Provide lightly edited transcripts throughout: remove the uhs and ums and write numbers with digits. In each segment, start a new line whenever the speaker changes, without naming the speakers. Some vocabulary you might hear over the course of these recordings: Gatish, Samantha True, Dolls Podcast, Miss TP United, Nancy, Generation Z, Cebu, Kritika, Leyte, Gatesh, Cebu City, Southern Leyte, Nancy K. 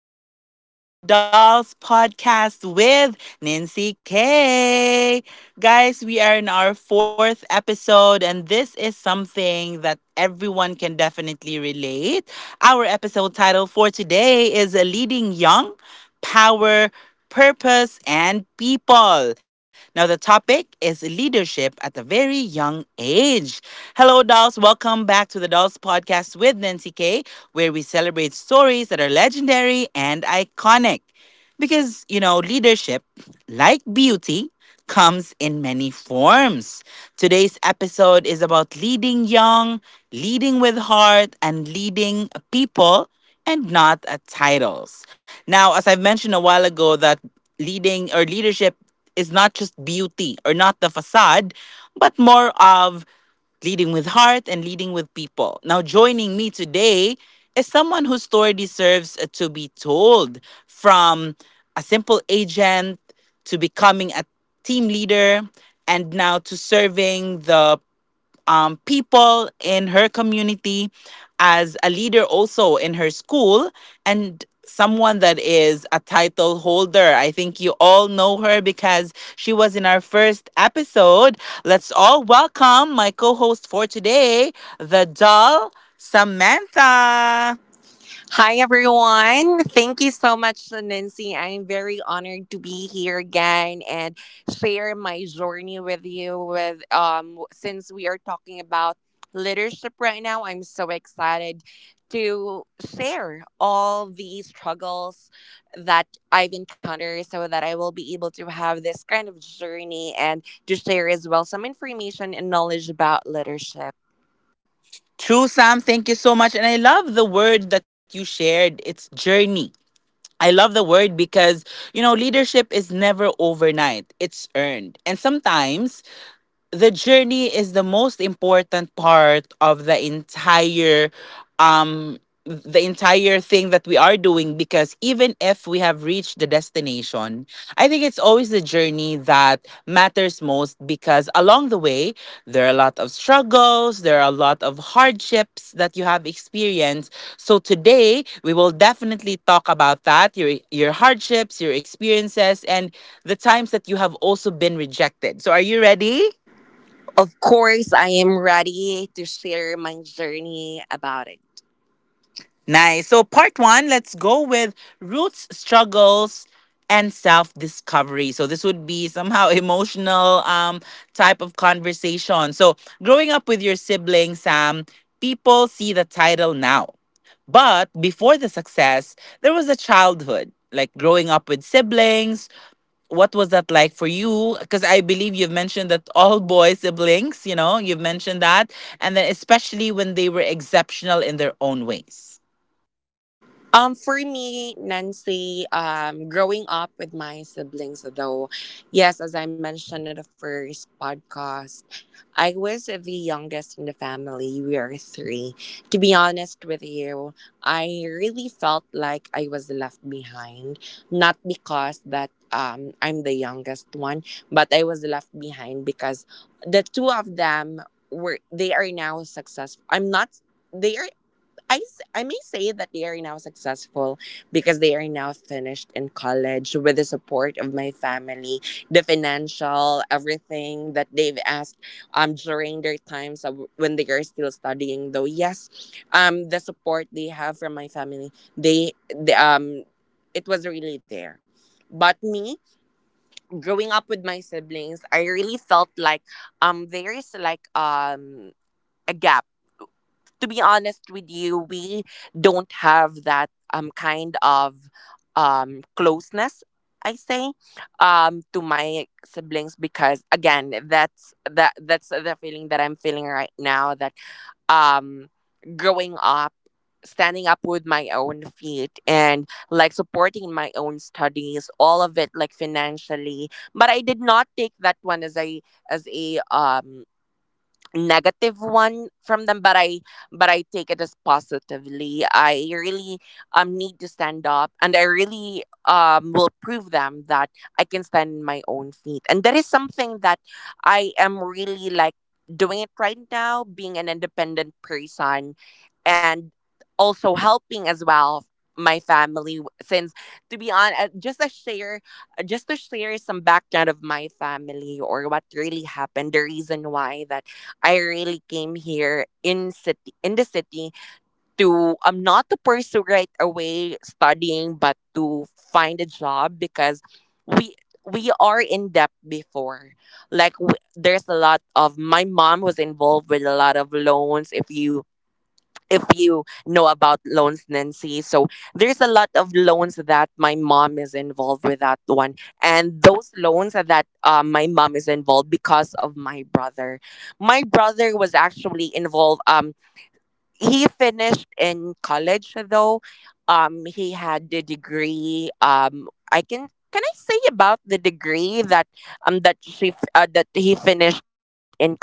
Welcome back to the Dolls Podcast with Nancy K. Guys, we are in our fourth episode, and this is something that everyone can definitely relate. Our episode title for today is Leading Young Power purpose, and people. Now, the topic is leadership at a very young age. Hello, dolls. Welcome back to the Dolls Podcast with Nancy K, where we celebrate stories that are legendary and iconic. Because, you know, leadership, like beauty, comes in many forms. Today's episode is about leading young, leading with heart, and leading people and not at titles. Now, as I've mentioned a while ago, that leading or leadership is not just beauty or not the facade, but more of leading with heart and leading with people. Now, joining me today is someone whose story deserves to be told from a simple agent to becoming a team leader and now to serving the people in her community, as a leader also in her school, and someone that is a title holder. I think you all know her because she was in our first episode. Let's all welcome my co host for today, the doll, Samantha.
Hi, everyone. Thank you so much, Nancy. I'm very honored to be here again and share my journey with you. With Since we are talking about leadership right now, I'm so excited to share all the struggles that I've encountered, so that I will be able to have this kind of journey and to share as well some information and knowledge about leadership.
True, Sam, thank you so much. And I love the word that you shared. It's journey. I love the word because, you know, leadership is never overnight, it's earned. And sometimes the journey is the most important part of um the entire thing that we are doing, because even if we have reached the destination, I think it's always the journey that matters most. Because along the way, there are a lot of struggles, there are a lot of hardships that you have experienced. So today we will definitely talk about that, your hardships, your experiences, and the times that you have also been rejected. So are you ready?
Of course, I am ready to share my journey about it.
Nice. So, part one, let's go with roots, struggles, and self discovery. So, this would be somehow emotional type of conversation. So, growing up with your siblings, Sam, people see the title now. But before the success, there was a childhood, like growing up with siblings, what was that like for you? Because I believe you've mentioned that all boy siblings, you know, you've mentioned that. And then, especially when they were exceptional in their own ways.
For me, Nancy, growing up with my siblings, though, yes, as I mentioned in the first podcast, I was the youngest in the family. We are three. To be honest with you, I really felt like I was left behind, not because that I'm the youngest one, but I was left behind because the two of them were they are now successful. I'm not. They are I, s- I may say that they are now successful because they are now finished in college with the support of my family, the financial, everything that they've asked during their times of when they are still studying. Though yes, the support they have from my family, they, the it was really there. But me growing up with my siblings, I really felt like there is like a gap. To be honest with you, we don't have that kind of closeness, I say, to my siblings, because again that's that's the feeling that I'm feeling right now. That um growing up, standing up with my own feet and like supporting my own studies, all of it, like financially, but I did not take that one as a as a um negative one from them, but I take it as positively. I really need to stand up, and I really will prove them that I can stand on my own feet, and that is something that I am really like doing it right now, being an independent person and also helping as well my family. Since, to be honest, just to share some background of my family or what really happened, the reason why that I really came here in the city to not to pursue right away studying but to find a job, because we we are in debt before. Like w There's a lot of, my mom was involved with a lot of loans, if you know about loans, Nancy. So there's a lot of loans that my mom is involved with, that one, and those loans are that my mom is involved because of my brother. My brother was actually involved. He finished in college though. He had the degree. I can I say about the degree that that he finished in college?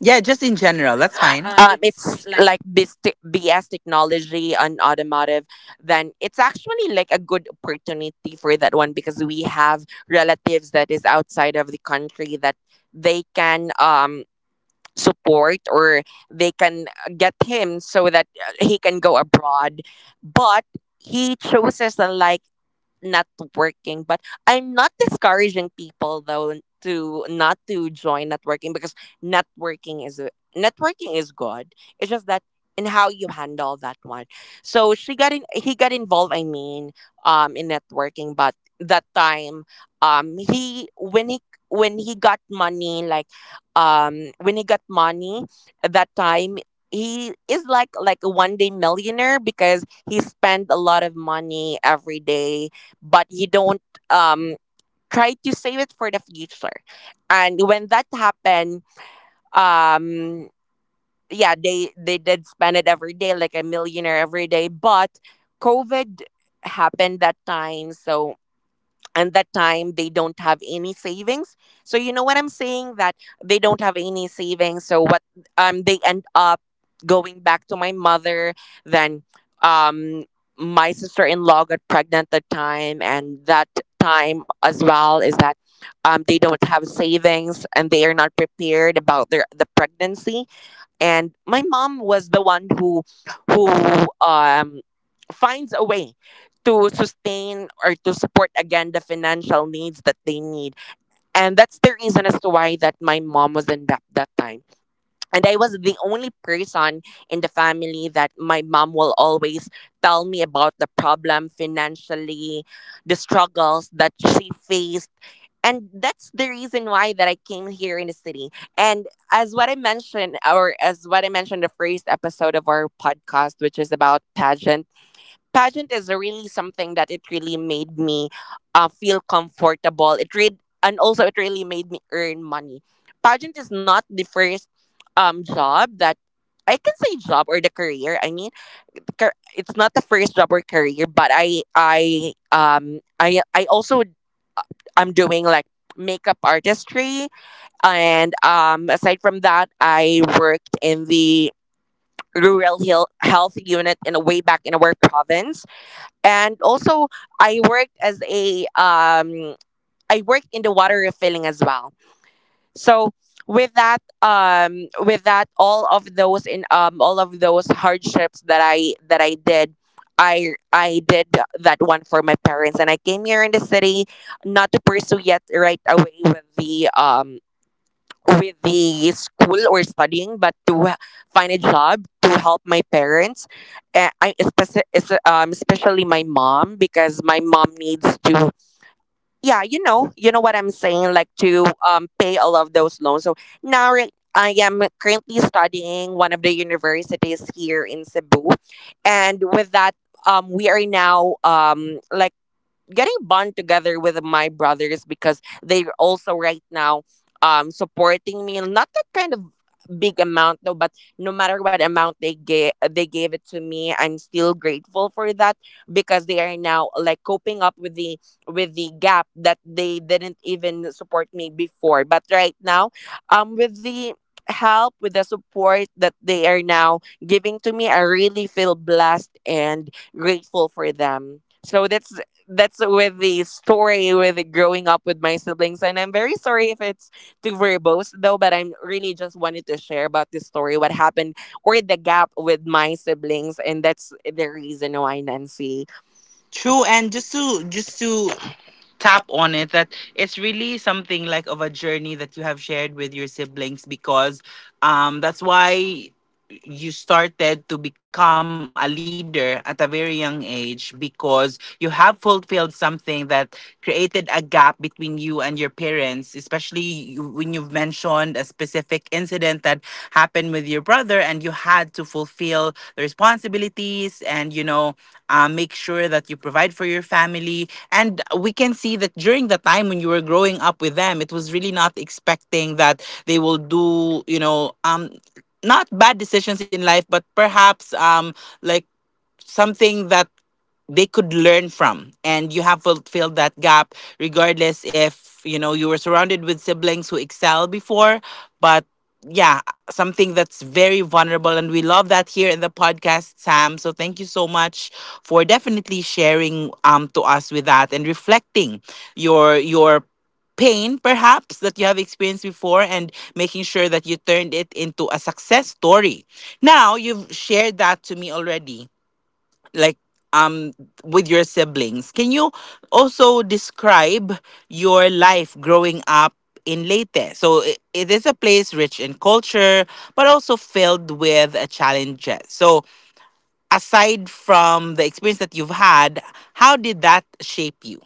Yeah,
Yeah,
just
just
in
in
general,
general.
that's
That's
fine.
fine.
It's like
BS technology on automotive, then it's actually like a good opportunity for that one because we have relatives that is outside of the country that they can support, or they can get him so that he can go abroad, but he chooses the like not working. But I'm not discouraging people though to not to join networking, because networking is networking is good. It's just that in how you handle that one. So she got in he got involved, I mean, in networking. But that time, he when he when he got money, like, when he got money at that time, he is like a one day millionaire, because he spent a lot of money every day, but you don't um try to save it for the future. And when that happened, um yeah, they did spend it every day like a millionaire every day, but COVID happened that time. So, and that time they don't have any savings, so you know what I'm saying, that they don't have any savings. So what, they end up going back to my mother. Then, um my sister-in-law got pregnant that time, and that time as well is that they don't have savings and they are not prepared about the pregnancy. And my mom was the one who who um finds a way to sustain or to support again the financial needs that they need. And that's the reason as to why that my mom was in debt that time. And I was the only person in the family that my mom will always tell me about the problem financially, the struggles that she faced. And that's the reason why that I came here in the city. And as what I mentioned the first episode of our podcast, which is about pageant. Pageant is really something that it really made me feel comfortable. It read, and also it really made me earn money. Pageant is not the first job that I can say job or the career. I mean, it's not the first job or career, but I also, I'm doing like makeup artistry, and aside from that, I worked in the rural health unit in a way back in our province. And also I worked as a I worked in the water refilling as well. So with that, all of those in, all of those hardships that I did, I did that one for my parents. And I came here in the city not to pursue yet right away with the school or studying, but to find a job to help my parents. I especially, especially my mom, because my mom needs to. Yeah, you know what I'm saying, like to pay all of those loans. So now right, I am currently studying one of the universities here in Cebu. And with that, we are now like getting bond together with my brothers, because they're also right now supporting me, not that kind of big amount though. But no matter what amount they gave, they gave it to me, I'm still grateful for that, because they are now like coping up with the, with the gap, that they didn't even support me before. But right now, with the help, with the support that they are now giving to me, I really feel blessed and grateful for them. So that's with the story, with growing up with my siblings. And I'm very sorry if it's too verbose though, but I'm really just wanted to share about this story, what happened or the gap with my siblings. And that's the reason why, Nancy. True,
True, and
and
just
just
to
to
just
just
to
to
tap
tap on
on
it,
it
that.
that it's really something like of a journey that you have shared with your siblings. Because that's why you started to become a leader at a very young age, because you have fulfilled something that created a gap between you and your parents, especially when you've mentioned a specific incident that happened with your brother and you had to fulfill the responsibilities. And, you know, make sure that you provide for your family. And we can see that during the time when you were growing up with them, it was really not expecting that they will do, you know, not bad decisions in life, but perhaps like something that they could learn from, and you have fulfilled that gap, regardless if, you know, you were surrounded with siblings who excel before. But yeah, something that's very vulnerable, and we love that here in the podcast, Sam. So thank you so much for definitely sharing to us with that, and reflecting your pain perhaps that you have experienced before, and making sure that you turned it into a success story. Now, you've shared that to me already, like um with your siblings. Can you also describe your life growing up in Leyte? So I it is a place rich in culture, but also filled with challenges. So aside from the experience that you've had, how did that shape you?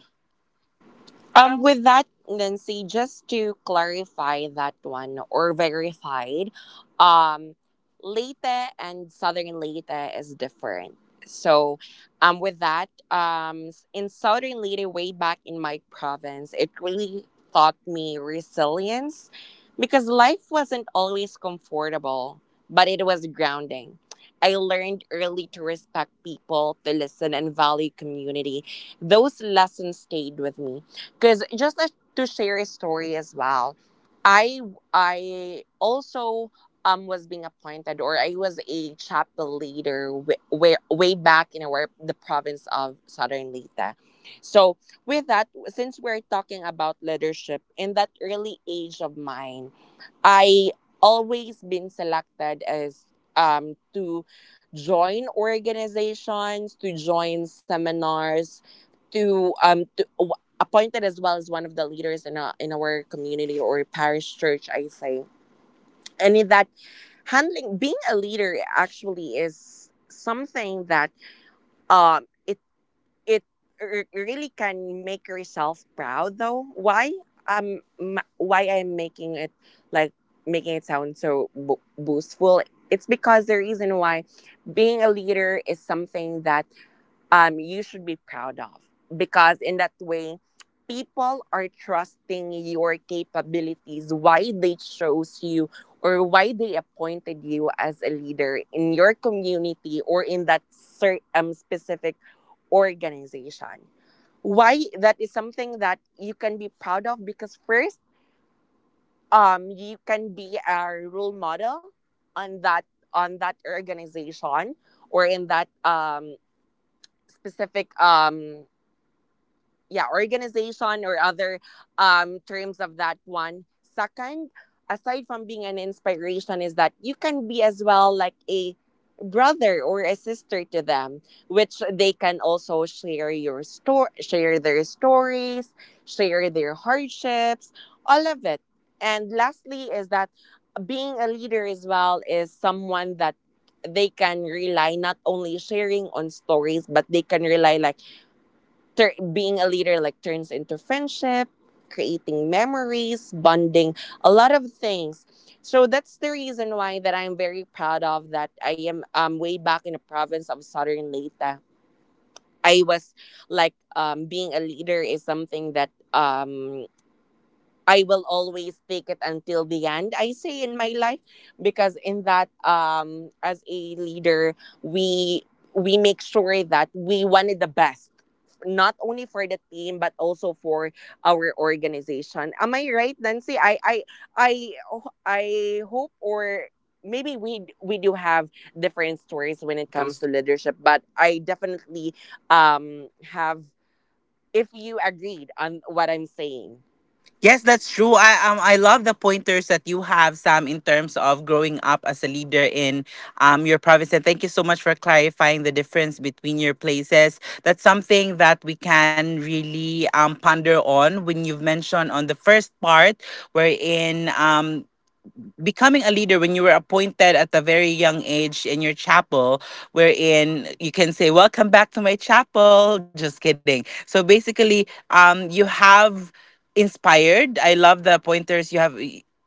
Um,
With that, Nancy, just to clarify that one, or verified, um, Leyte and Southern Leyte is different. So, in Southern Leyte, way back in my province, it really taught me resilience, because life wasn't always comfortable, but it was grounding. I learned early to respect people, to listen, and value community. Those lessons stayed with me, because just like to share a story as well, i I also was being appointed, or I was a chapel leader way, way, way back in our the province of Southern Leyte. So with that, since we're talking about leadership, in that early age of mine, I always been selected as to join organizations, to join seminars, to appointed as well as one of the leaders in our, in our community or parish church, I say. And in that, handling being a leader actually is something that um it it really can make yourself proud. Though why, why I'm making it like making it sound so boastful, it's because the reason why being a leader is something that, you should be proud of. Because in that way, people are trusting your capabilities, why they chose you or why they appointed you as a leader in your community, or in that specific organization. Why that is something that you can be proud of, because first, you can be a role model on that, on that organization, or in that specific, yeah, organization, or other terms of that one. Second, aside from being an inspiration is that you can be as well like a brother or a sister to them which they can also share your story share their stories share their hardships all of it and lastly is that being a leader as well is someone that they can rely not only sharing on stories but they can rely like being a leader like turns into friendship creating memories bonding a lot of things. So that's the reason why that I'm very proud of that I am way back in the province of Southern Leyte. I was like being a leader is something that I will always take it until the end. I say in my life because in that as a leader we we make sure that we wanted the best not only for the team but also for our organization. Am I right, Nancy? I Oh, I hope, or maybe we do have different stories when
When
it
it
comes
comes
to leadership, but I definitely have if you agreed on what I'm saying. Yes,
Yes, that's
that's true.
true. I love the pointers that you have, Sam, in terms of growing up as a leader in your province. And thank you so much for clarifying the difference between your places. That's something that we can really ponder on when you've mentioned on the first part, wherein becoming a leader when you were appointed at a very young age in your chapel, wherein you can say, "Welcome back to my chapel." Just kidding. So basically, you have inspired. I love the pointers you have.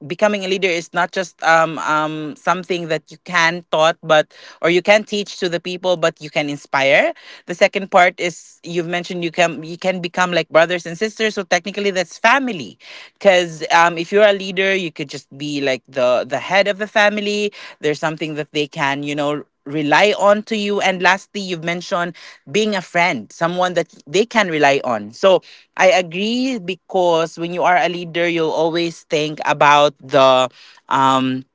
Becoming a leader is not just something that you can taught, but or you can teach to the people, but you can inspire. The second part is you've mentioned you can become like brothers and sisters, so technically that's family, because if you're a leader you could just be like the head of the family. There's something that they can, you know, rely on to you. And lastly you've mentioned being a friend, someone that they can rely on. So I agree, because when you are a leader you'll always think about the um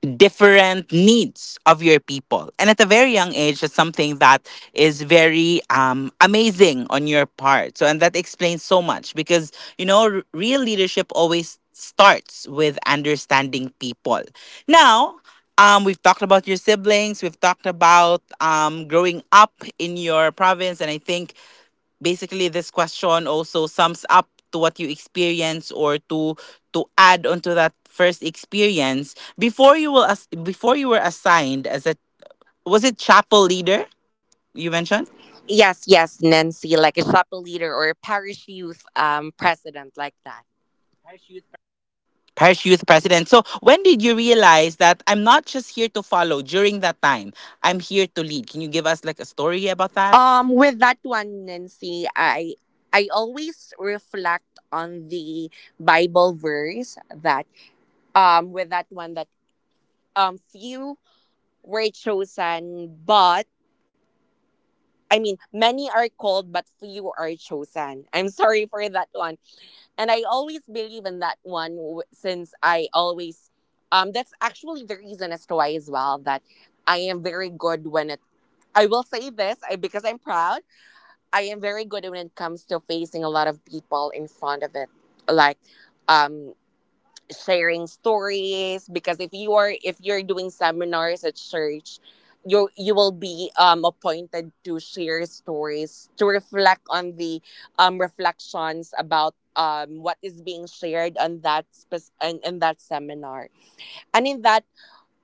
different needs of your people. And at a very young age, that's something that is very amazing on your part. So, and that explains so much, because, you know, real leadership always starts with understanding people. Now, we've talked about your siblings. We've talked about growing up in your province, and I think basically this question also sums up to what you experience. Or to add onto that first experience before you will, as before you were assigned as a, was it chapel leader you mentioned,
Yes, yes, Nancy, like a chapter leader or a parish youth president like that.
parish youth president? So when did you realize that I'm not just here to follow during that time, I'm here to lead? Can you give us like a story about that?
With that one, Nancy, I always reflect on the Bible verse that with that one that few were chosen, but I mean many are called, but few are chosen. I'm sorry for that one. And I always believe in that one since I always that's actually the reason as to why as well that I am very good when it I will say this I, because I'm proud I am very good when it comes to facing a lot of people in front of it, like, um, sharing stories because if you're doing seminars at church you will be appointed to share stories to reflect on the reflections about what is being shared on in that seminar. And in that,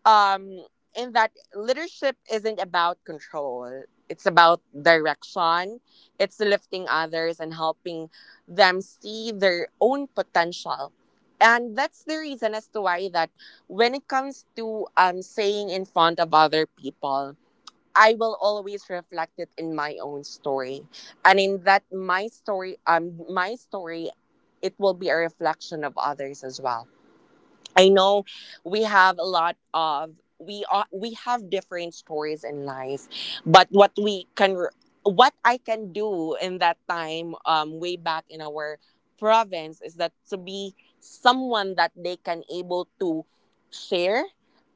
um, in that, leadership isn't about control, it's about direction, it's lifting others and helping them see their own potential. And that's the reason as to why that when it comes to saying in front of other people, I will always reflect it in my own story. And in that my story, it will be a reflection of others as well. I know we have a lot of we are we have different stories in life, but what I can do in that time, way back in our province, is that to be someone that they can able to share,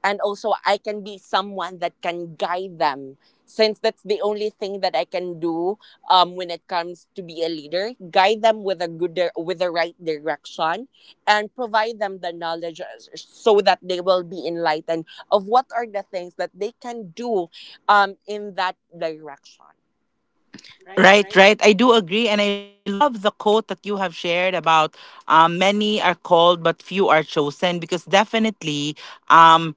and also I can be someone that can guide them. Since that's the only thing that I can do, when it comes to be a leader, guide them with a good with the right direction and provide them the knowledge so that they will be enlightened of what are the things that they can do, in that direction. Right,
Right,
right.
right. I do agree. And I love the quote that you have shared about many are called, but few are chosen, because definitely. Um,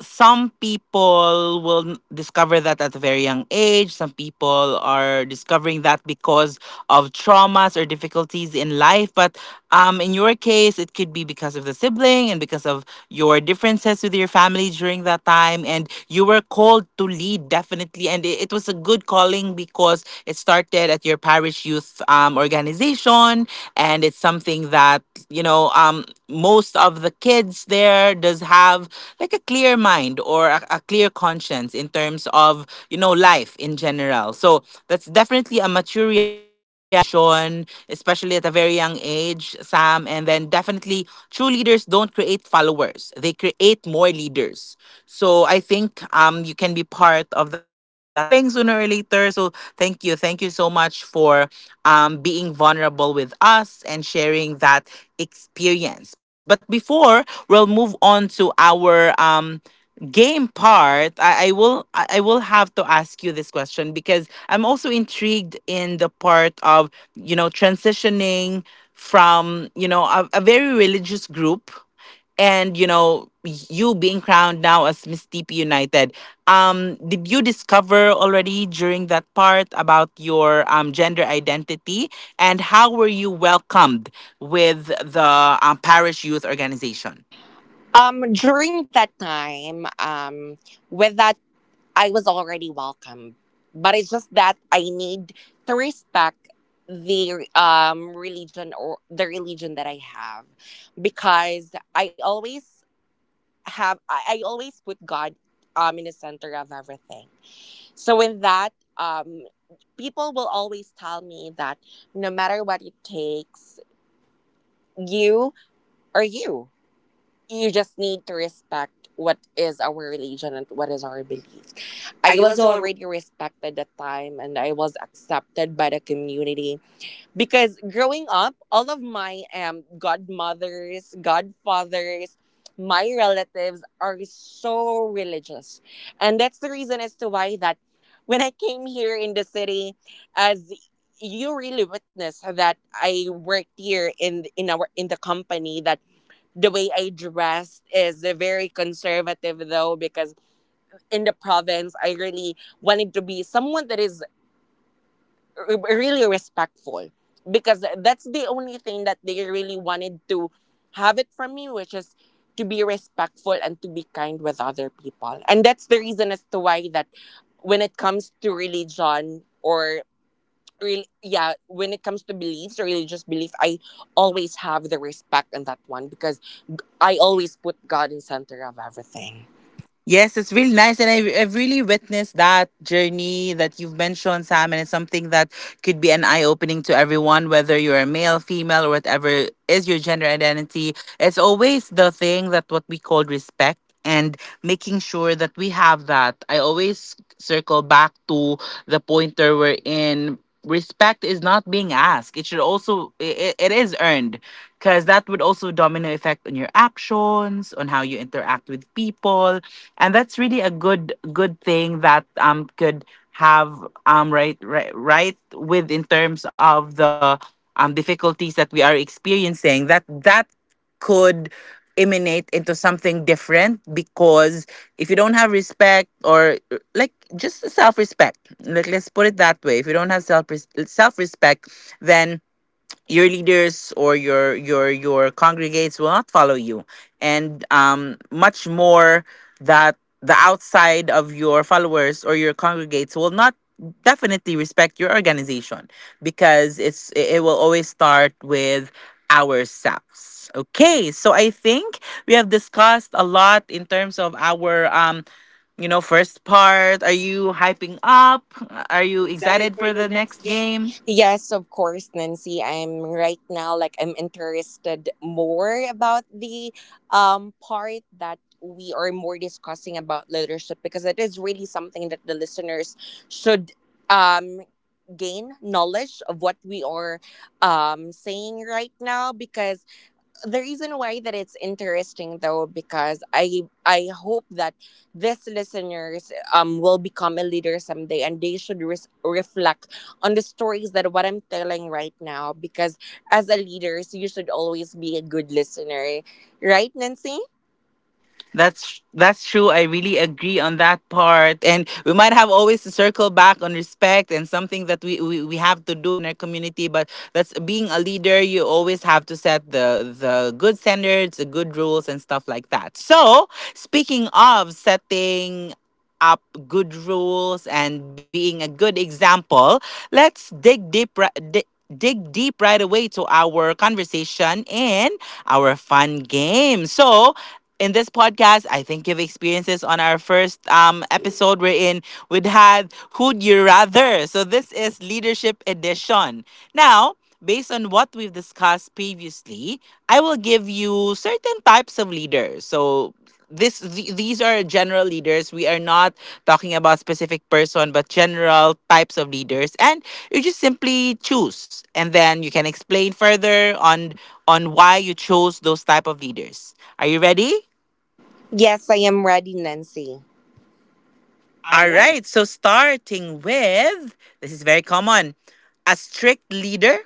some people will discover that at a very young age. Some people are discovering that because of traumas or difficulties in life. But in your case, it could be because of the sibling and because of your differences with your family during that time. And you were called to lead, definitely. And it was a good calling because it started at your parish youth organization. And it's something that, you know, most of the kids there does have like a clear mind, or a clear conscience in terms of, you know, life in general. So that's definitely a mature realization, especially at a very young age, Sam. And then definitely true leaders don't create followers, they create more leaders. So I think you can be part of that calling sooner or later. So thank you, so much for being vulnerable with us and sharing that experience. But before we'll move on to our game part, I will have to ask you this question because I'm also intrigued in the part of, you know, transitioning from, you know, a very religious group, and, you know, you being crowned now as Miss TP United. Did you discover already during that part about your gender identity, and how were you welcomed with the parish youth organization?
Um, during that time, um, with that, I was already welcome, but it's just that I need to respect the religion that I have because I always put God in the center of everything. So in that, um, people will always tell me that no matter what it takes, you are you. You just need to respect what is our religion and what is our belief. I
I
was
was
already respected at the time and I was accepted by the community because growing up, all of my godmothers, godfathers, my relatives are so religious. And that's the reason as to why that when I came here in the city, as you really witnessed that I worked here in the company, that the way I dressed is very conservative though because in the province I really wanted to be someone that is really respectful because that's the only thing that they really wanted to have it from me, which is to be respectful and to be kind with other people. And that's the reason as to why that when it comes to religion or real yeah when it comes to beliefs or religious belief, I always have the respect in that one because I always put God in center of everything.
Yes, it's really nice. And I've really witnessed that journey that you've mentioned, Sam. And it's something that could be an eye opening to everyone, whether you're a male, female, or whatever is your gender identity. It's always the thing that what we call respect, and making sure that we have that. I always circle back to the pointer we're in. Respect is not being asked. It should also, it is earned, because that would also domino effect on your actions, on how you interact with people. And that's really a good thing that could have right with in terms of the difficulties that we are experiencing, that could emanate into something different. Because if you don't have respect, or like just self-respect, like, let's put it that way, if you don't have self-respect, then your leaders or your congregates will not follow you. And much more that the outside of your followers or your congregates will not definitely respect your organization, because it's, it will always start with ourselves. Okay, so I think we have discussed a lot in terms of our you know first part. Are you hyping up, are
You
you
excited
excited
for
for
the
the
next
next
game?
game?
Yes, of course, Nancy. I'm right now like I'm interested more about the part that we are more discussing about leadership because it is really something that the listeners should um gain knowledge of what we are saying right now because the reason why that it's interesting though because I hope that these listeners will become a leader someday and they should reflect on the stories that what I'm telling right now because as a leaders you should always be a good listener, right, Nancy?
That's true. I really agree on that part. And we might have always to circle back on respect, and something that we, we have to do in our community. But that's being a leader, you always have to set the good standards, the good rules and stuff like that. So speaking of setting up good rules and being a good example, let's dig deep right away to our conversation and our fun game. So in this podcast, I think you've experienced this on our first episode we're in. We'd had Who'd You Rather? So this is Leadership Edition. Now, based on what we've discussed previously, I will give you certain types of leaders. So these are general leaders. We are not talking about specific person, but general types of leaders. And you just simply choose, and then you can explain further on why you chose those type of leaders. Are you ready?
Yes, I am ready, Nancy. All
All
right.
right, so starting with, this is very common, a strict leader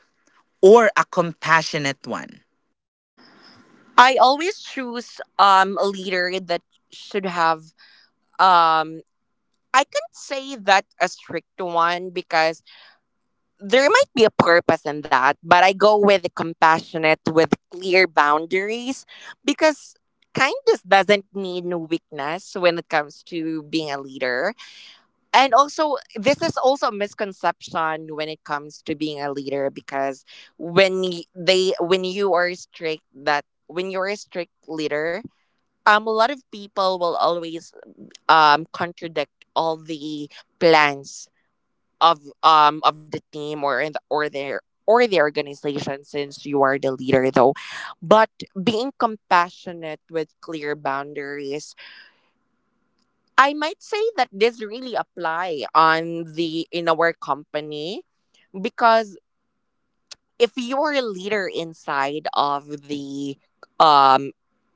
or a compassionate one.
I always choose a leader that should have um, I can't say that a strict one because there might be a purpose in that, but I go with compassionate with clear boundaries because kindness doesn't mean weakness when it comes to being a leader. And also, this is also a misconception when it comes to being a leader because when y- they when you are strict, that when you're a strict leader, a lot of people will always contradict all the plans of the team or in the, or their or the organization since you are the leader though. But being compassionate with clear boundaries, I might say that this really apply on the in our company because if you're a leader inside of the um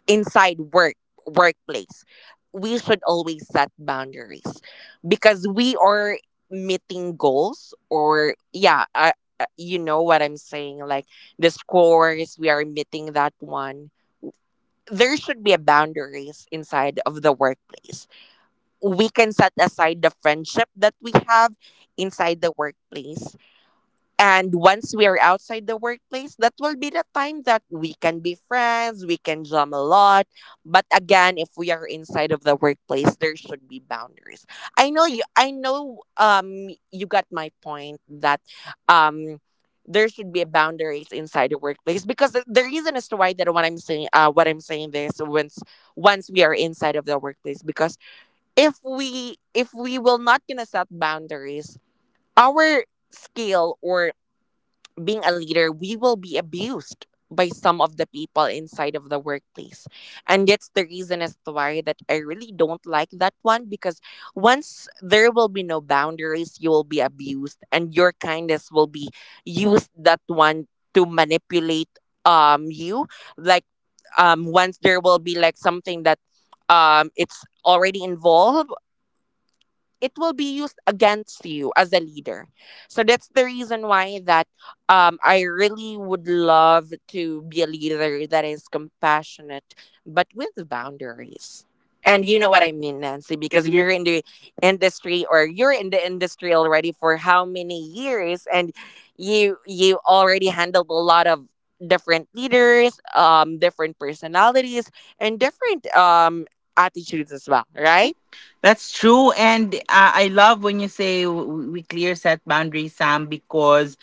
inside workplace, we should always set boundaries because we are meeting goals or yeah, you know what I'm saying, like the scores we are meeting that one, there should be a boundaries inside of the workplace. We can set aside the friendship that we have inside the workplace, and once we are outside the workplace, that will be the time that we can be friends, we can jam a lot. But again, if we are inside of the workplace, there should be boundaries. I know you got my point that um there should be boundaries inside the workplace because the reason as to why that what I'm saying this once, once we are inside of the workplace, because if we will not gonna set boundaries, our skill or being a leader, we will be abused by some of the people inside of the workplace. And that's the reason as to why that I really don't like that one because once there will be no boundaries, you will be abused and your kindness will be used that one to manipulate you. Like once there will be like something that it's already involved, it will be used against you as a leader. So that's the reason why that, I really would love to be a leader that is compassionate but with boundaries.
And
And
you
you
know
know
what
what
I
I mean, Nancy,
mean, because
because
we're
we're in the industry, or you're in the industry already for how many years, and you already handled a lot of different leaders, different personalities and different attitudes as well,
right.
right?
That's true. And I love when you say we clear set boundaries, Sam, because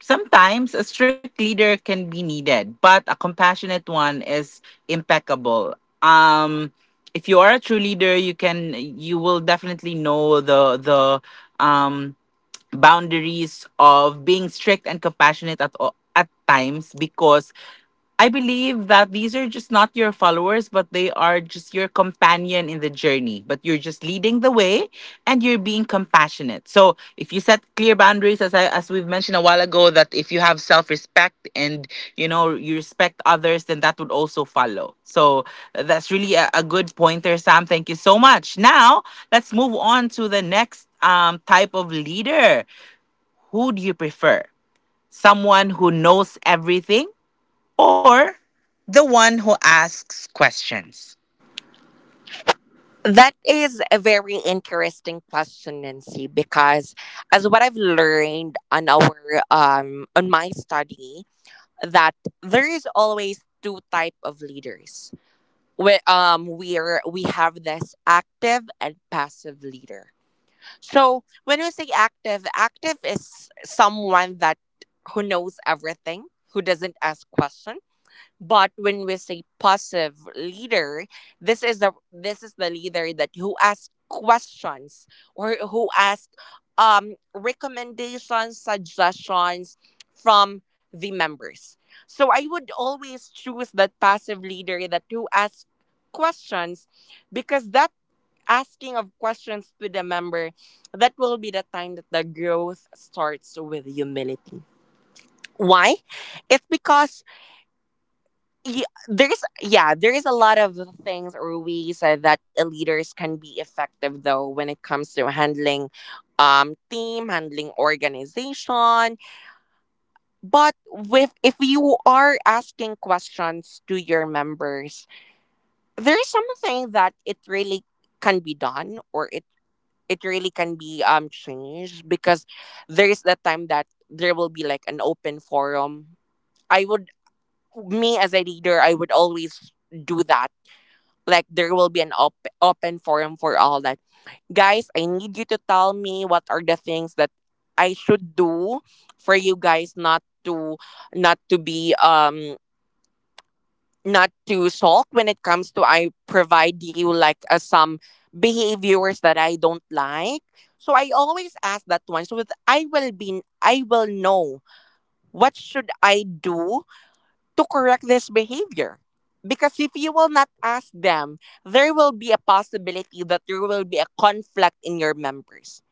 sometimes a strict leader can be needed, but a compassionate one is impeccable. Um, if you are a true leader, you will definitely know the um boundaries of being strict and compassionate at all, at times, because I believe that these are just not your followers but they are just your companion in the journey, but you're just leading the way and you're being compassionate. So if you set clear boundaries, as I as we've mentioned a while ago, that if you have self-respect and you know you respect others, then that would also follow. So that's really a good pointer, Sam. Thank you so much. Now, let's move on to the next type of leader. Who do you prefer? Someone who knows everything or the one who asks questions?
That is a very interesting question, Nancy, because as what I've learned on our on my study that there is always two type of leaders. We have this active and passive leader. So when we say active, active is someone that who knows everything, who doesn't ask questions. But when we say passive leader, this is the leader that who asks questions or who asks, recommendations, suggestions from the members. So I would always choose that passive leader that who asks questions because that asking of questions to the member, that will be the time that the growth starts with humility. Why? It's because yeah, there is a lot of things or ways, that leaders can be effective though when it comes to handling team, handling organization. But with if you are asking questions to your members, there's something that it really can be done or it really can be changed because there is the time that there will be like an open forum. I would me as a leader, I would always do that, like there will be an open forum for all that, guys, I need you to tell me what are the things that I should do for you guys not to not to be not to sulk when it comes to I provide you like, some behaviors that I don't like. So I always ask that one so that I will know what should I do to correct this behavior. Because if you will not ask them, there will be a possibility that there will be a conflict in your members.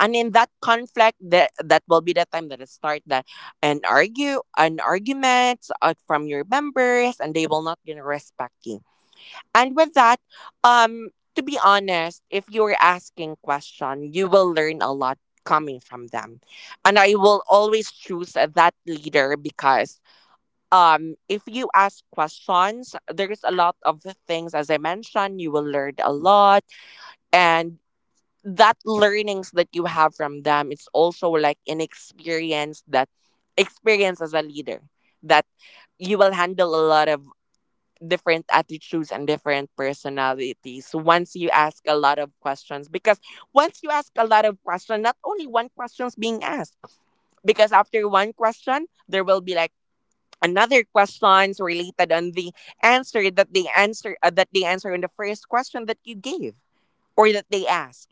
And in that conflict, that, that will be the time that it start that an argument, from your members, and they will not gonna respect you. And with that, um, to be honest, if you are asking question, you will learn a lot coming from them. And I will always choose that leader because if you ask questions, there's a lot of the things, as I mentioned, you will learn a lot. And that learnings that you have from them, it's also like an experience, that experience as a leader, that you will handle a lot of different attitudes and different personalities once you ask a lot of questions. Because once you ask a lot of questions, not only one question's being asked, because after one question there will be like another questions related on the answer that they answer that they answer on the first question that you gave, or that they ask.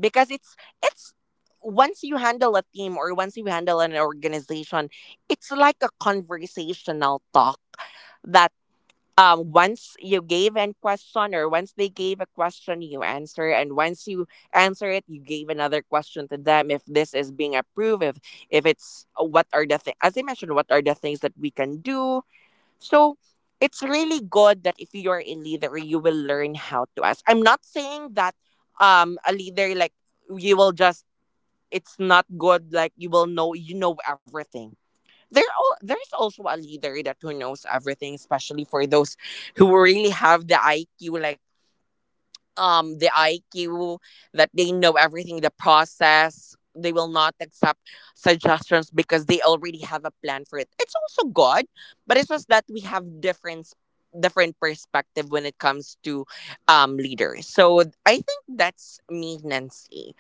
Because it's once you handle a team or once you handle an organization, it's like a conversational talk, that once you gave an question or once they gave a question, you answer, and once you answer it, you gave another question to them. If this is being approved, if it's what are the things, as I mentioned, what are the things that we can do. So it's really good that if you're a leader, you will learn how to ask. I'm not saying that a leader like you will just, it's not good like you will know, you know everything. There's also a leader that who knows everything, especially for those who really have the IQ, like the IQ, that they know everything, the process. They will not accept suggestions because they already have a plan for it. It's also good, but it's just that we have different, different perspective when it comes to leaders. So I think that's me, Nancy.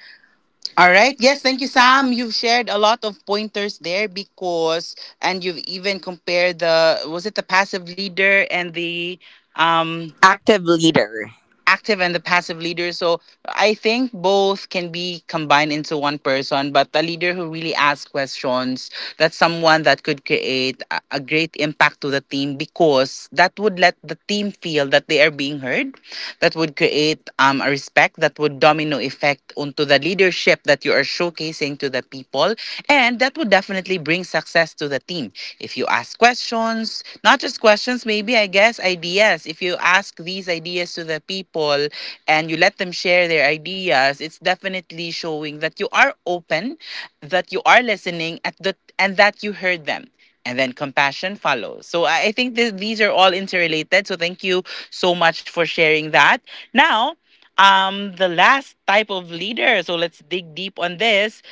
All
All
right.
right.
Yes,
Yes.
thank you,
Thank you,
Sam.
Sam. You
You've shared a lot of pointers there because, and you've even compared the, was it the passive leader and the, um
active leader,
active
active
and
and
the
the passive.
passive leader. So I think both can be combined into one person, but a leader who really asks questions, that's someone that could create a great impact to the team, because that would let the team feel that they are being heard, that would create a respect that would domino effect onto the leadership that you are showcasing to the people. And that would definitely bring success to the team. If you ask questions, not just questions, maybe I guess ideas. If you ask these ideas to the people and you let them share their ideas, it's definitely showing that you are open, that you are listening at the, and that you heard them, and then compassion follows. So I think these are all interrelated. So thank you so much for sharing that. Now, the last type of leader. So let's dig deep on this.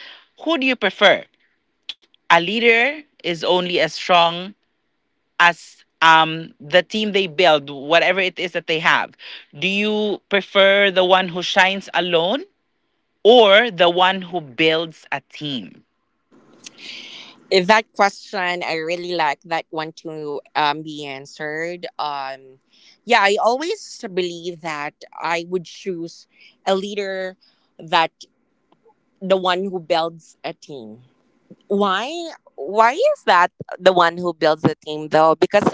Who do you prefer? A leader is only as strong as the team they build, whatever it is that they have. Do you prefer the one who shines alone or the one who builds a team?
That question, I really like that one to be answered. Yeah, I always believe that I would choose a leader that, the one who builds a team. Why? Why is that the one who builds a team though? Because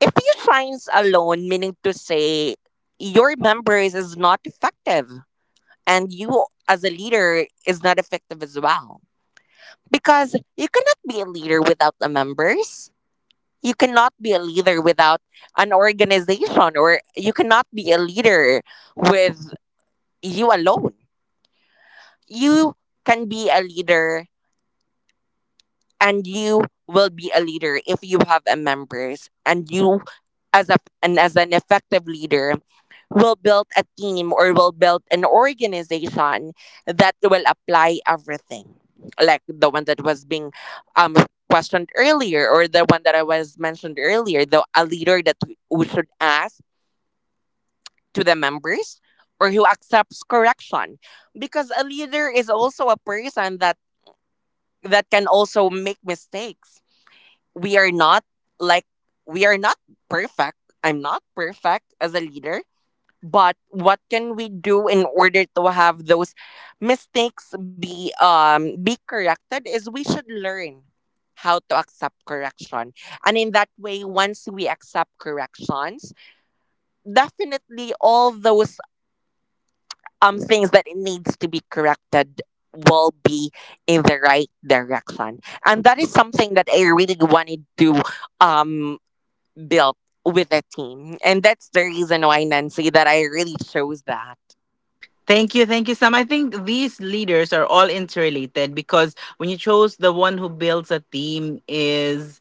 if you shines alone, meaning to say, your members is not effective and you as a leader is not effective as well, because you cannot be a leader without the members, you cannot be a leader without an organization, or you cannot be a leader with you alone. You can be a leader, and you will be a leader if you have a members, and you as a, and as an effective leader, will build a team or will build an organization that will apply everything, like the one that was being um questioned earlier, or the one that I was mentioned earlier, the a leader that who should ask to the members, or who accepts correction. Because a leader is also a person that that can also make mistakes. we are not like we are not perfect. I'm not perfect as a leader, but what can we do in order to have those mistakes be corrected, is we should learn how to accept correction. And in that way, once we accept corrections, definitely all those things that it needs to be corrected will be in the right direction. And that is something that I really wanted to um built with a team. And that's the reason why, Nancy, that I really chose that.
Thank you, Sam. I think these leaders are all interrelated, because when you chose the one who builds a team, is,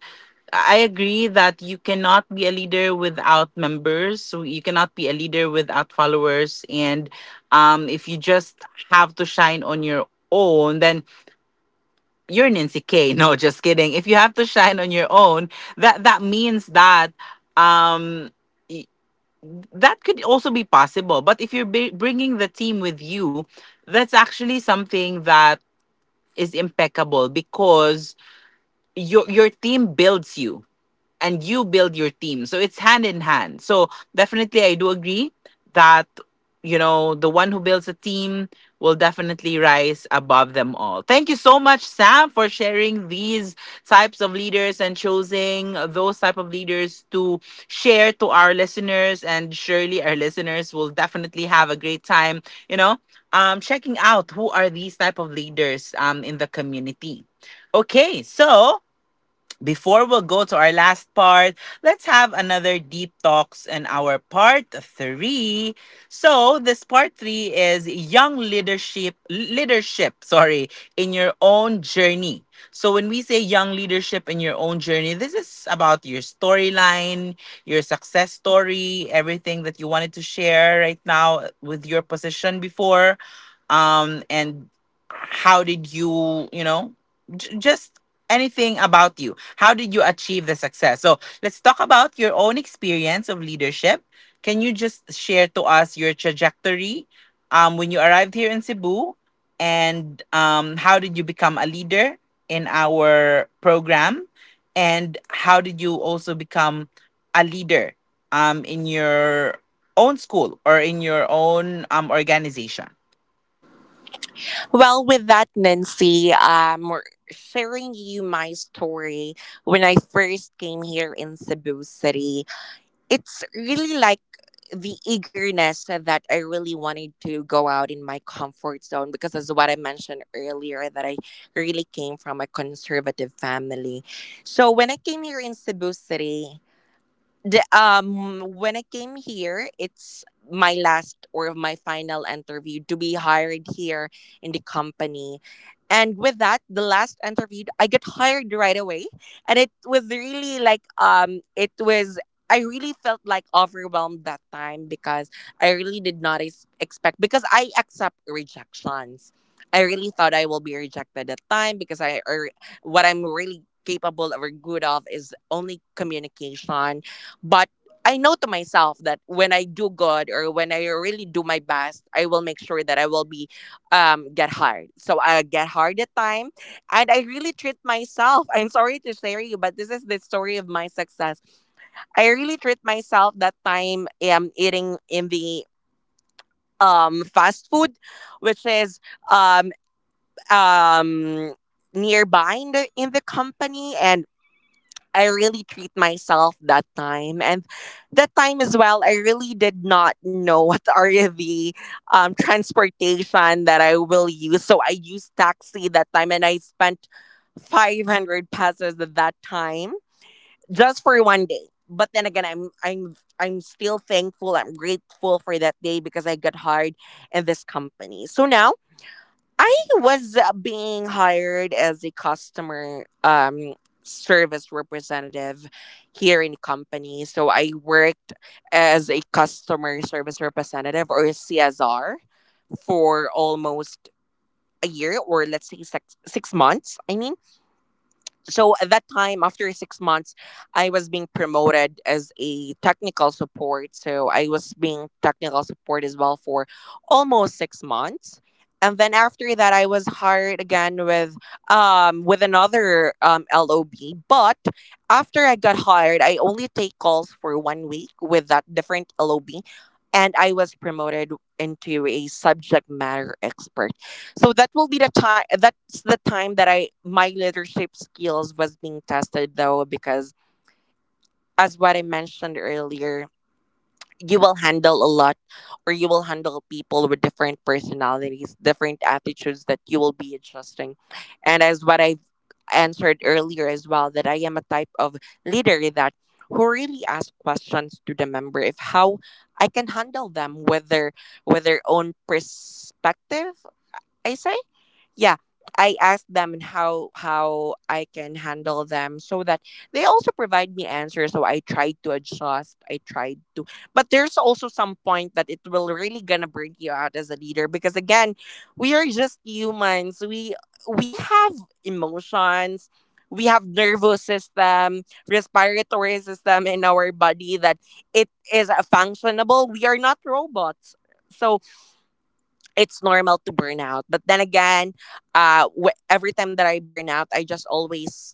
I agree that you cannot be a leader without members. So you cannot be a leader without followers. And if you just have to shine on your own, then you're Nancy K. No, just kidding. If you have to shine on your own, that means that, um, that could also be possible. But if you're bringing the team with you, that's actually something that is impeccable, because your team builds you and you build your team. So it's hand in hand. So definitely, I do agree that, you know, the one who builds a team will definitely rise above them all. Thank you so much, Sam, for sharing these types of leaders and choosing those type of leaders to share to our listeners. And surely our listeners will definitely have a great time, you know, checking out who are these type of leaders in the community. Okay, so before we go to our last part, let's have another deep talks in our part three. So this part three is young leadership, leadership, sorry, in your own journey. So when we say young leadership in your own journey, this is about your storyline, your success story, everything that you wanted to share right now with your position before, and how did you just, anything about you, how did you achieve the success? So let's talk about your own experience of leadership. Can you just share to us your trajectory, when you arrived here in Cebu, and how did you become a leader in our program, and how did you also become a leader in your own school or in your own organization?
Well, with that, Nancy, we're sharing you my story. When I first came here in Cebu City, it's really like the eagerness that I really wanted to go out in my comfort zone because, as what I mentioned earlier, that I really came from a conservative family. So when I came here in Cebu City, when I came here, it's my last or my final interview to be hired here in the company. And with that, the last interview, I got hired right away. And it was really like it was, I really felt like overwhelmed that time because I really did not expect, because I accept rejections. I really thought I will be rejected at time, because I, or what I'm really capable or good of is only communication. But I know to myself that when I do good or when I really do my best, I will make sure that I will be get hard. So I get hard at time, and I really treat myself. I'm sorry to share you, but this is the story of my success. I really treat myself that time eating in the fast food, which is um um nearby in the company. And I really treat myself that time. And that time as well, I really did not know what are the transportation that I will use. So I used taxi that time and I spent 500 pesos at that time just for one day. But then again, I'm still thankful. I'm grateful for that day because I got hired in this company. So now I was being hired as a customer service representative here in the company. So I worked as a customer service representative, or a CSR, for almost a year, or let's say 6 months. I mean, so at that time, after 6 months, I was being promoted as a technical support. So I was being technical support as well for almost 6 months. And then after that, I was hired again with another lob. But after I got hired, I only take calls for 1 week with that different lob. And I was promoted into a subject matter expert. So that will be the time, that's the time that I, my leadership skills was being tested though, because as what I mentioned earlier, you will handle a lot, or you will handle people with different personalities, different attitudes, that you will be adjusting. And as what I've answered earlier as well, that I am a type of leader that who really asks questions to the member, if how I can handle them with their, with their own perspective. I say, yeah, I ask them how I can handle them, so that they also provide me answers. So I tried to adjust, I tried to, but there's also some point that it will really gonna break you out as a leader, because again, we are just humans. We have emotions, we have nervous system, respiratory system in our body, that it is a functionable. We are not robots. So it's normal to burn out. But then again, every time that I burn out, I just always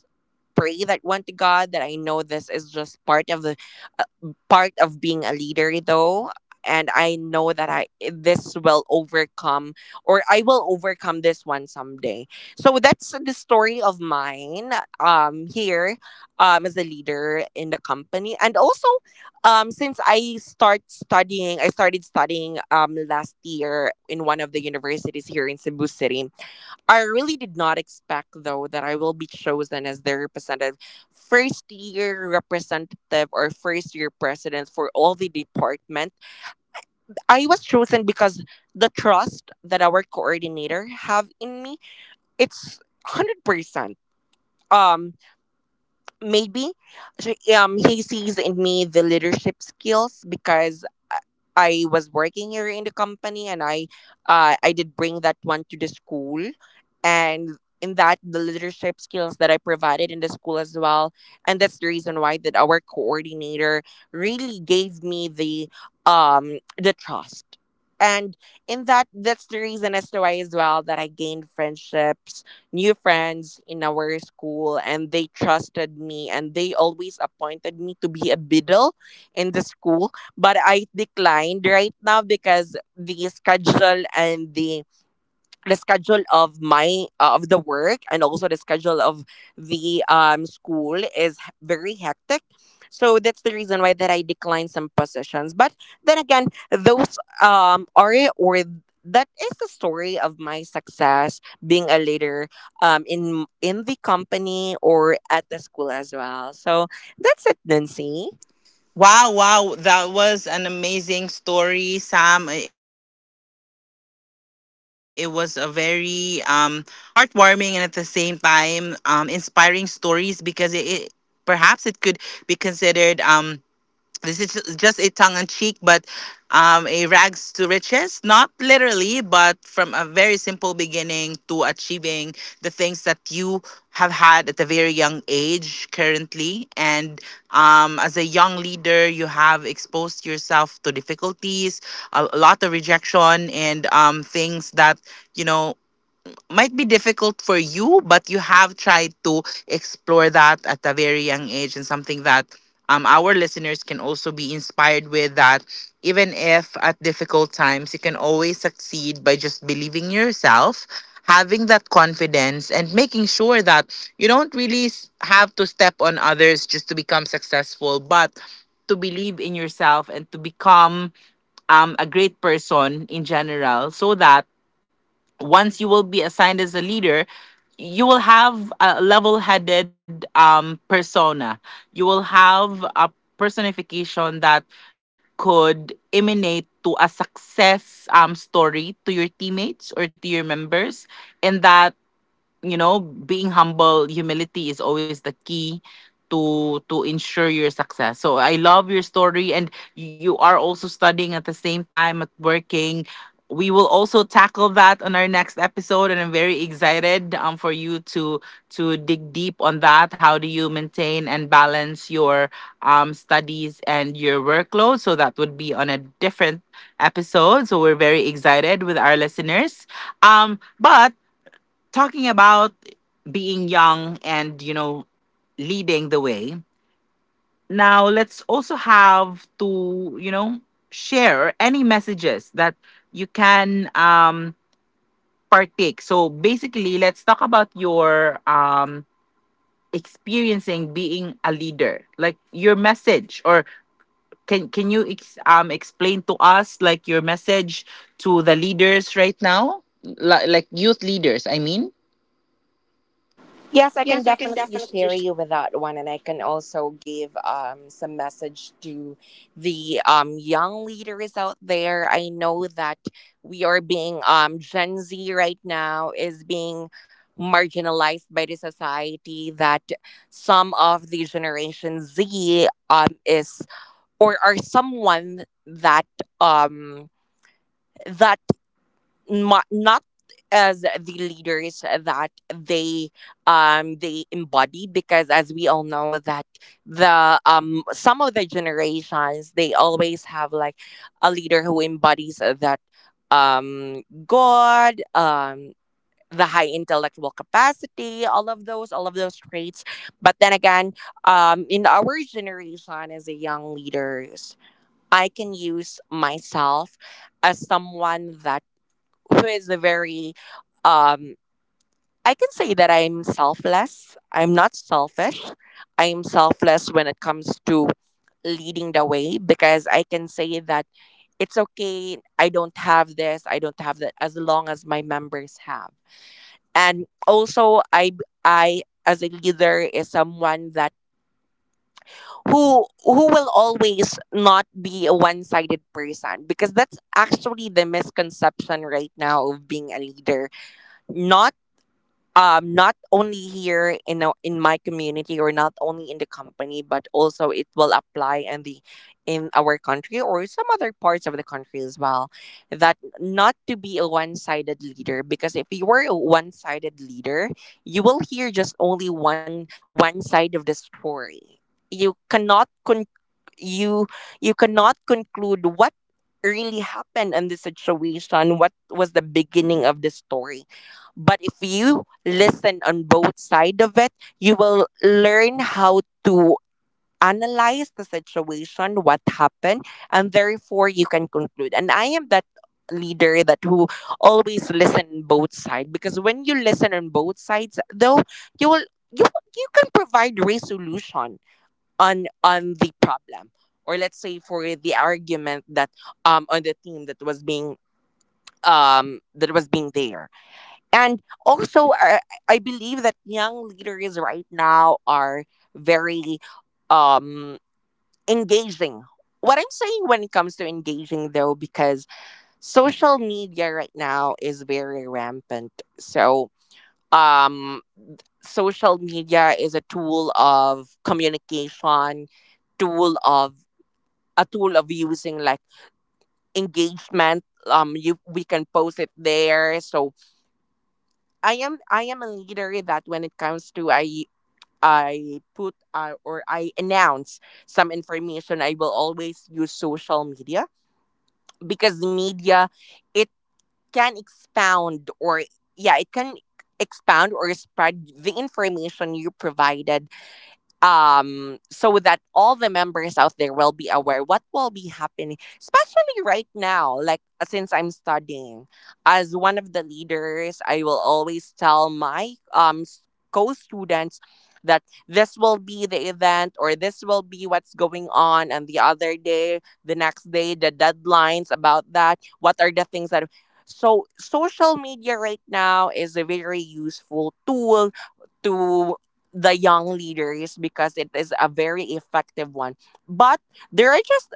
pray that one to God, that I know this is just part of the uh, part of being a leader though. And I know that I this will overcome, or I will overcome this one someday. So that's the story of mine here as a leader in the company. And also, since I started studying last year in one of the universities here in Cebu City, I really did not expect, though, that I will be chosen as their representative, first year representative or first year president for all the department. I was chosen because the trust that our coordinator have in me, it's 100%. Um, maybe so, he sees in me the leadership skills because I I was working here in the company, and I, I did bring that one to the school. And in that, the leadership skills that I provided in the school as well, and that's the reason why that our coordinator really gave me the trust. And in that, that's the reason as to why as well, that I gained friendships, new friends in our school, and they trusted me, and they always appointed me to be a biddle in the school. But I declined right now because the schedule and the schedule of my of the work, and also the schedule of the school is very hectic. So that's the reason why that I declined some positions. But then again, those are, or that is the story of my success being a leader in the company or at the school as well. So that's it, Nancy.
Wow,
Wow.
wow, that was an amazing story, Sam. It was a very heartwarming and at the same time inspiring stories because it, perhaps it could be considered, this is just a tongue in cheek, but a rags to riches, not literally, but from a very simple beginning to achieving the things that you have had at a very young age currently. And as a young leader, you have exposed yourself to difficulties, a lot of rejection, and things that, you know, might be difficult for you, but you have tried to explore that at a very young age, and something that our listeners can also be inspired with, that even if at difficult times, you can always succeed by just believing in yourself, having that confidence, and making sure that you don't really have to step on others just to become successful, but to believe in yourself and to become a great person in general, so that once you will be assigned as a leader, you will have a level-headed persona. You will have a personification that could emanate to a success story to your teammates or to your members, and that, being humble, humility is always the key to ensure your success. So I love your story, and you are also studying at the same time at working. We will also tackle that on our next episode, and I'm very excited, for you to dig deep on that. How do you maintain and balance your studies and your workload? So that would be on a different episode. So we're very excited with our listeners, but talking about being young and leading the way. Now, let's also have to share any messages that you can partake. So, basically, let's talk about your, experiencing being a leader, like your message, or can you explain to us, like, your message to the leaders right now. Like, youth leaders, I mean.
Yes, I can
Yes, I can
definitely
definitely
share you
share.
with that one. And I can also give some message to the young leaders out there. I know that we are being Gen Z right now is being marginalized by the society. That some of the Generation Z is or are someone that um, that not as the leaders that they embody, because as we all know that the some of the generations, they always have like a leader who embodies that god the high intellectual capacity, all of those traits. But then again, in our generation as a young leaders, I can use myself as someone that who is a very um I can say that I'm selfless. I'm not selfish. I'm selfless when it comes to leading the way, because I can say that it's okay. I don't have this. I don't have that as long as my members have. And also I as a leader is someone that who will always not be a one-sided person, because that's actually the misconception right now of being a leader. Not not only here in in my community, or not only in the company, but also it will apply in the in our country or some other parts of the country as well. That not to be a one-sided leader, because if you were a one-sided leader, you will hear just only one side of the story. you cannot con- you you cannot conclude what really happened in this situation, what was the beginning of the story. But if you listen on both sides of it, you will learn how to analyze the situation, what happened, and therefore you can conclude. And I am that leader that who always listen both sides, because when you listen on both sides though, you will you you can provide resolution on the problem, or let's say for the argument that on the team that was being there. And also, I believe that young leaders right now are very um, engaging. What I'm saying when it comes to engaging, though, because social media right now is very rampant. So, um, social media is a tool of communication, tool of a tool of using like engagement. You we can post it there. So I am a leader that when it comes to I put or I announce some information, I will always use social media, because media it can expound or yeah, it can expound or spread the information you provided, so that all the members out there will be aware what will be happening, especially right now like since I'm studying. As one of the leaders, I will always tell my co-students that this will be the event or this will be what's going on, and the other day, the next day, the deadlines about that, what are the things that. So social media right now is a very useful tool to the young leaders because it is a very effective one. But there are just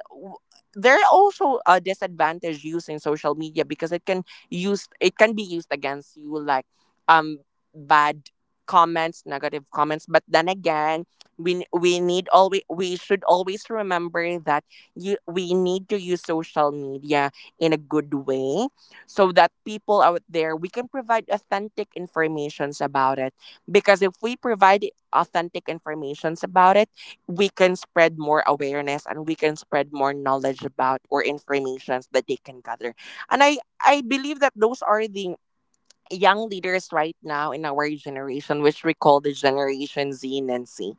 there are also a disadvantage using social media, because it can use it can be used against you like um bad comments, negative comments. But then again, we should always remember that you we need to use social media in a good way, so that people out there we can provide authentic informations about it. Because if we provide authentic informations about it, we can spread more awareness and we can spread more knowledge about or informations that they can gather. And I believe that those are the young leaders right now in our generation, which we call the Generation Z and C.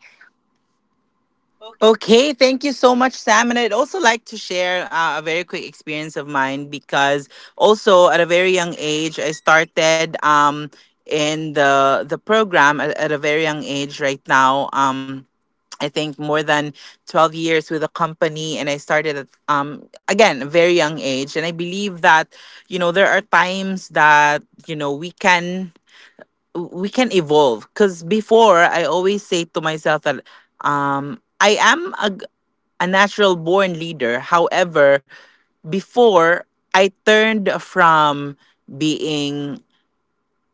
Okay.
Okay, thank you so much, Sam. And I'd also like to share, a very quick experience of mine, because also at a very young age, I started, in the program at a very young age. Right now, I think more than 12 years with a company, and I started at again a very young age, and I believe that, there are times that, you know we can we can evolve. Cuz before I always say to myself that, I am a natural born leader. However, before, I turned from being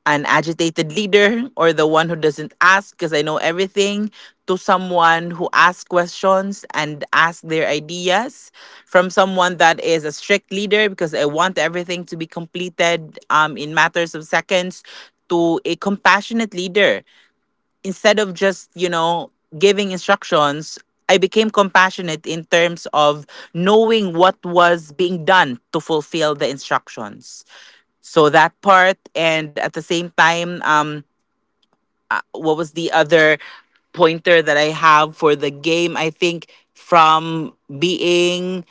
an agitated leader or the one who doesn't ask because I know everything, to someone who asks questions and asks their ideas. From someone that is a strict leader because I want everything to be completed, in matters of seconds, to a compassionate leader. Instead of just, giving instructions, I became compassionate in terms of knowing what was being done to fulfill the instructions. So that part, and at the same time, what was the other pointer that I have for the game? I think from being,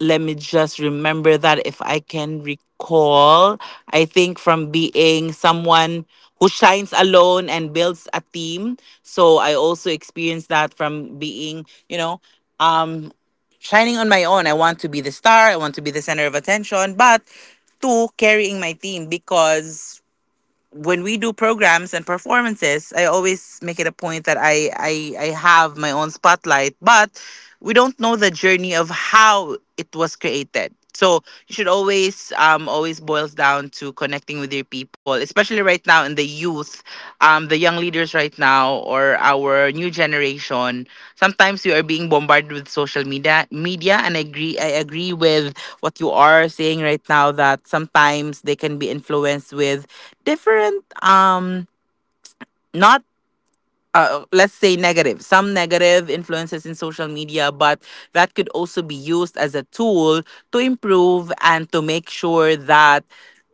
let me just remember that, if I can recall, I think from being someone who shines alone and builds a team. So I also experienced that, from being, um, shining on my own. I want to be the star, I want to be the center of attention, but to carrying my team, because when we do programs and performances, I always make it a point that I have my own spotlight, but we don't know the journey of how it was created. So you should always always boils down to connecting with your people, especially right now in the youth, the young leaders right now or our new generation. Sometimes you are being bombarded with social media, and I agree with what you are saying right now, that sometimes they can be influenced with different, not, let's say negative, some negative influences in social media, but that could also be used as a tool to improve and to make sure that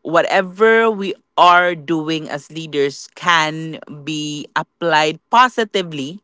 whatever we are doing as leaders can be applied positively,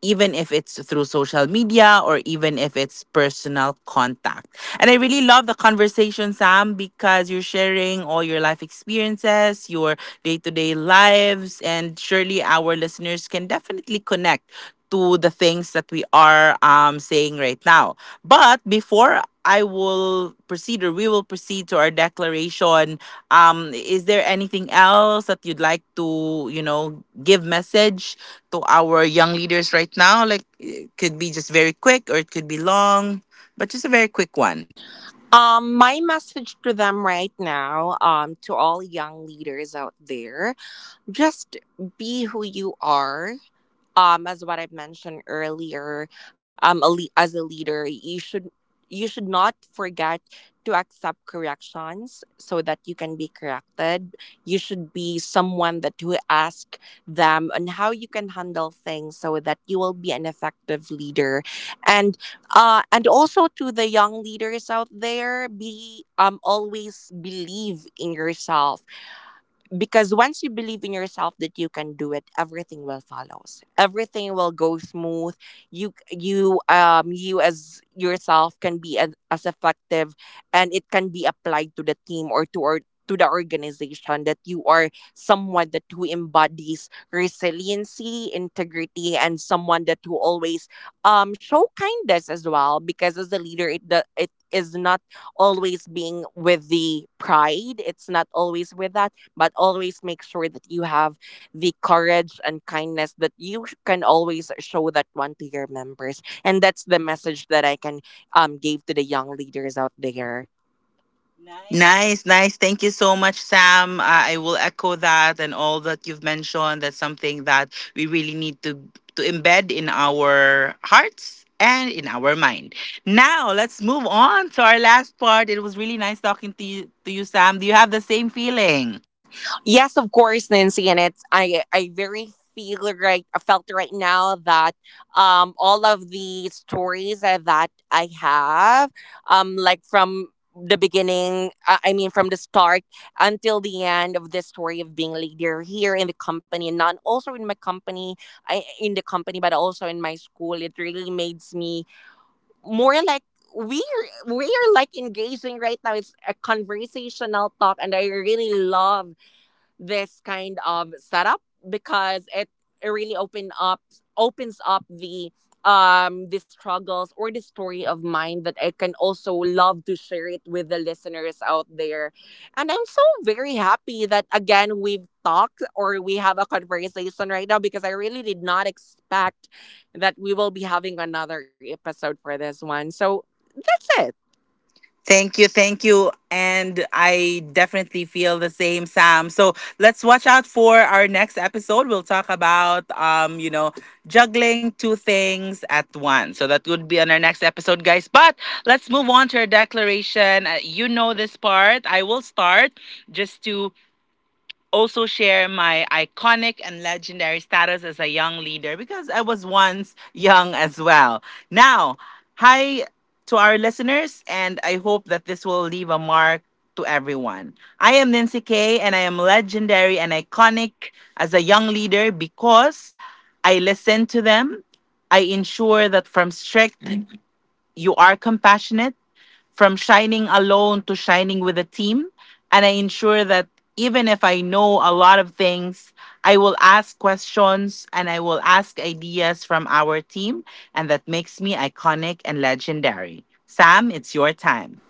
even if it's through social media or even if it's personal contact. And I really love the conversation, Sam, because you're sharing all your life experiences, your day to day lives, and surely our listeners can definitely connect to the things that we are saying right now. But before I will proceed, or we will proceed to our declaration, is there anything else that you'd like to give message to our young leaders right now? Like, it could be just very quick, or it could be long, but just a very quick one, perhaps.
My message to them right now, to all young leaders out there, just be who you are. As what I've mentioned earlier, as a leader, you should not forget to accept corrections so that you can be corrected. You should be someone that who ask them on how you can handle things so that you will be an effective leader. And and also to the young leaders out there, be always believe in yourself, because once you believe in yourself that you can do it, everything will follows, everything will go smooth. You you as yourself can be as effective, and it can be applied to the team or to the organization. That you are someone that who embodies resiliency, integrity, and someone that who always show kindness as well, because as a leader it is not always being with the pride, it's not always with that, but always make sure that you have the courage and kindness that you can always show that one to your members. And that's the message that I can give to the young leaders out there. Nice.
Nice, nice. Thank you so much, Sam. I will echo that and all that you've mentioned. That's something that we really need to embed in our hearts and in our mind. Now let's move on to our last part. It was really nice talking to you, Sam. Do you have the same feeling?
Yes, of course, Nancy, and it's I very feel right I felt right now that all of the stories that I have, like from the beginning I mean from the start until the end of the story of being leader here in the company, and not also in my company I in the company, but also in my school, it really makes me more like we're like engaging right now. It's a conversational talk, and I really love this kind of setup, because it really opens up the struggles or the story of mine that I can also love to share it with the listeners out there. And I'm so very happy that again we've talked or we have a conversation right now, because I really did not expect that we will be having another episode for this one. So that's it.
Thank you, thank you. And I definitely feel the same, Sam. So let's watch out for our next episode. We'll talk about, juggling two things at once. So that would be on our next episode, guys. But let's move on to our declaration. You know this part. I will start, just to also share my iconic and legendary status as a young leader, because I was once young as well. Now, hi to our listeners, and I hope that this will leave a mark to everyone. I am Nancy K, and I am legendary and iconic as a young leader because I listen to them. I ensure that from strict, you are compassionate, from shining alone to shining with a team. And I ensure that even if I know a lot of things, I will ask questions and I will ask ideas from our team. And that makes me iconic and legendary. Sam, it's your time.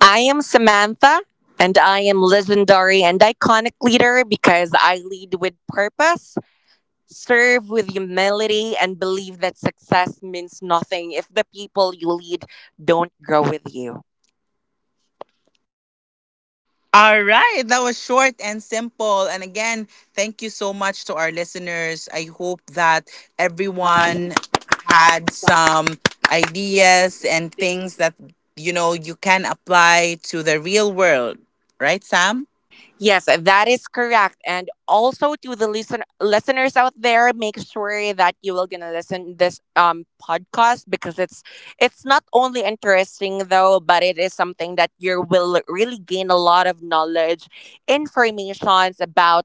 I am Samantha, and I am legendary and iconic leader because I lead with purpose, serve with humility, and believe that success means nothing if the people you lead don't grow with you.
All right, that was short and simple. And again, thank you so much to our listeners. I hope that
One
everyone
had
had
some
some
ideas
ideas
and
and
things.
things that, you can apply to the real world, right, Sam?
Yes, that is correct. And also to the listeners out there, make sure that you will gonna listen this podcast, because it's not only interesting though, but it is something that you will really gain a lot of knowledge, informations about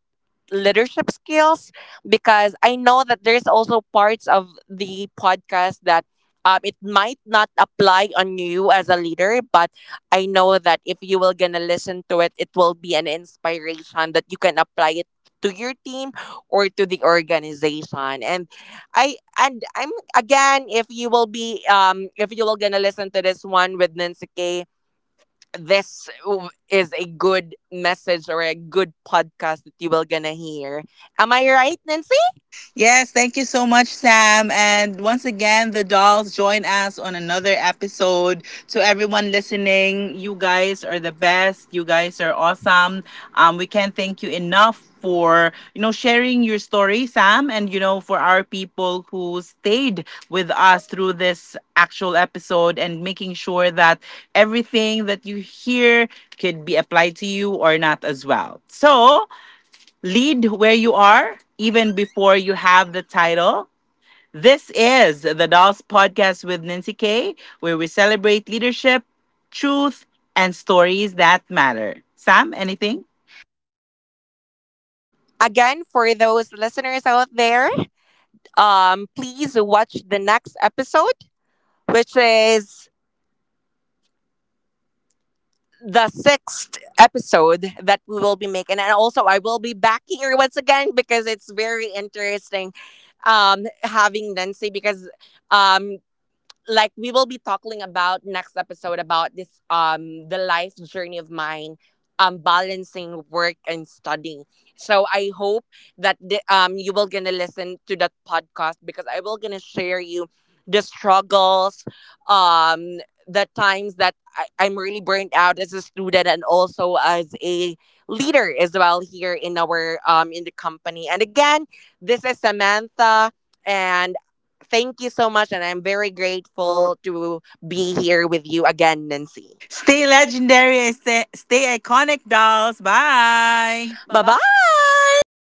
leadership skills. Because I know that there's also parts of the podcast that it might not apply on you as a leader, but I know that if you will gonna listen to it, it will be an inspiration that you can apply it to your team or to the organization. And I'm again, if you will be if you will gonna listen to this one with Nancy K, is a good message or a good podcast that you will gonna hear. Am I right, Nancy? Yes,
Yes,
thank
thank
you
you
so
so much,
much, Sam.
Sam.
And
And
once
once
again,
again,
the
the
dolls
dolls
join
join us
us on
on another
another episode.
episode.
To
To
everyone
everyone
listening,
listening, you
you
guys
guys are
are
the
the
best.
best. You
You guys
guys are
are awesome.
awesome.
We
We
can't
can't
thank
thank
you
you
enough
enough
for.
for, sharing your story, Sam, and, for our people who stayed with us through this actual episode, and making sure that everything that you hear could be applied to you or not as well. So, lead where you are, even before you have the title. This is the Dolls Podcast with Nancy K, where we celebrate leadership, truth, and stories that matter. Sam, anything?
Again, for those listeners out there, please watch the next episode, which is the sixth episode that we will be making. And also, I will be back here once again, because it's very interesting, having Nancy, because um, like we will be talking about next episode about this the life journey of mine, balancing work and studying. So I hope that you will gonna listen to that podcast, because I will gonna share you the struggles, um the times that I'm really burnt out as a student and also as a leader as well here in our in the company. And again, this is samantha, and Thank you so much, and I'm very
Full.
grateful to be here with you again, Nancy.
Stay
Stay legend.
legendary, stay iconic, dolls. Bye. Bye
Bye
bye.
bye.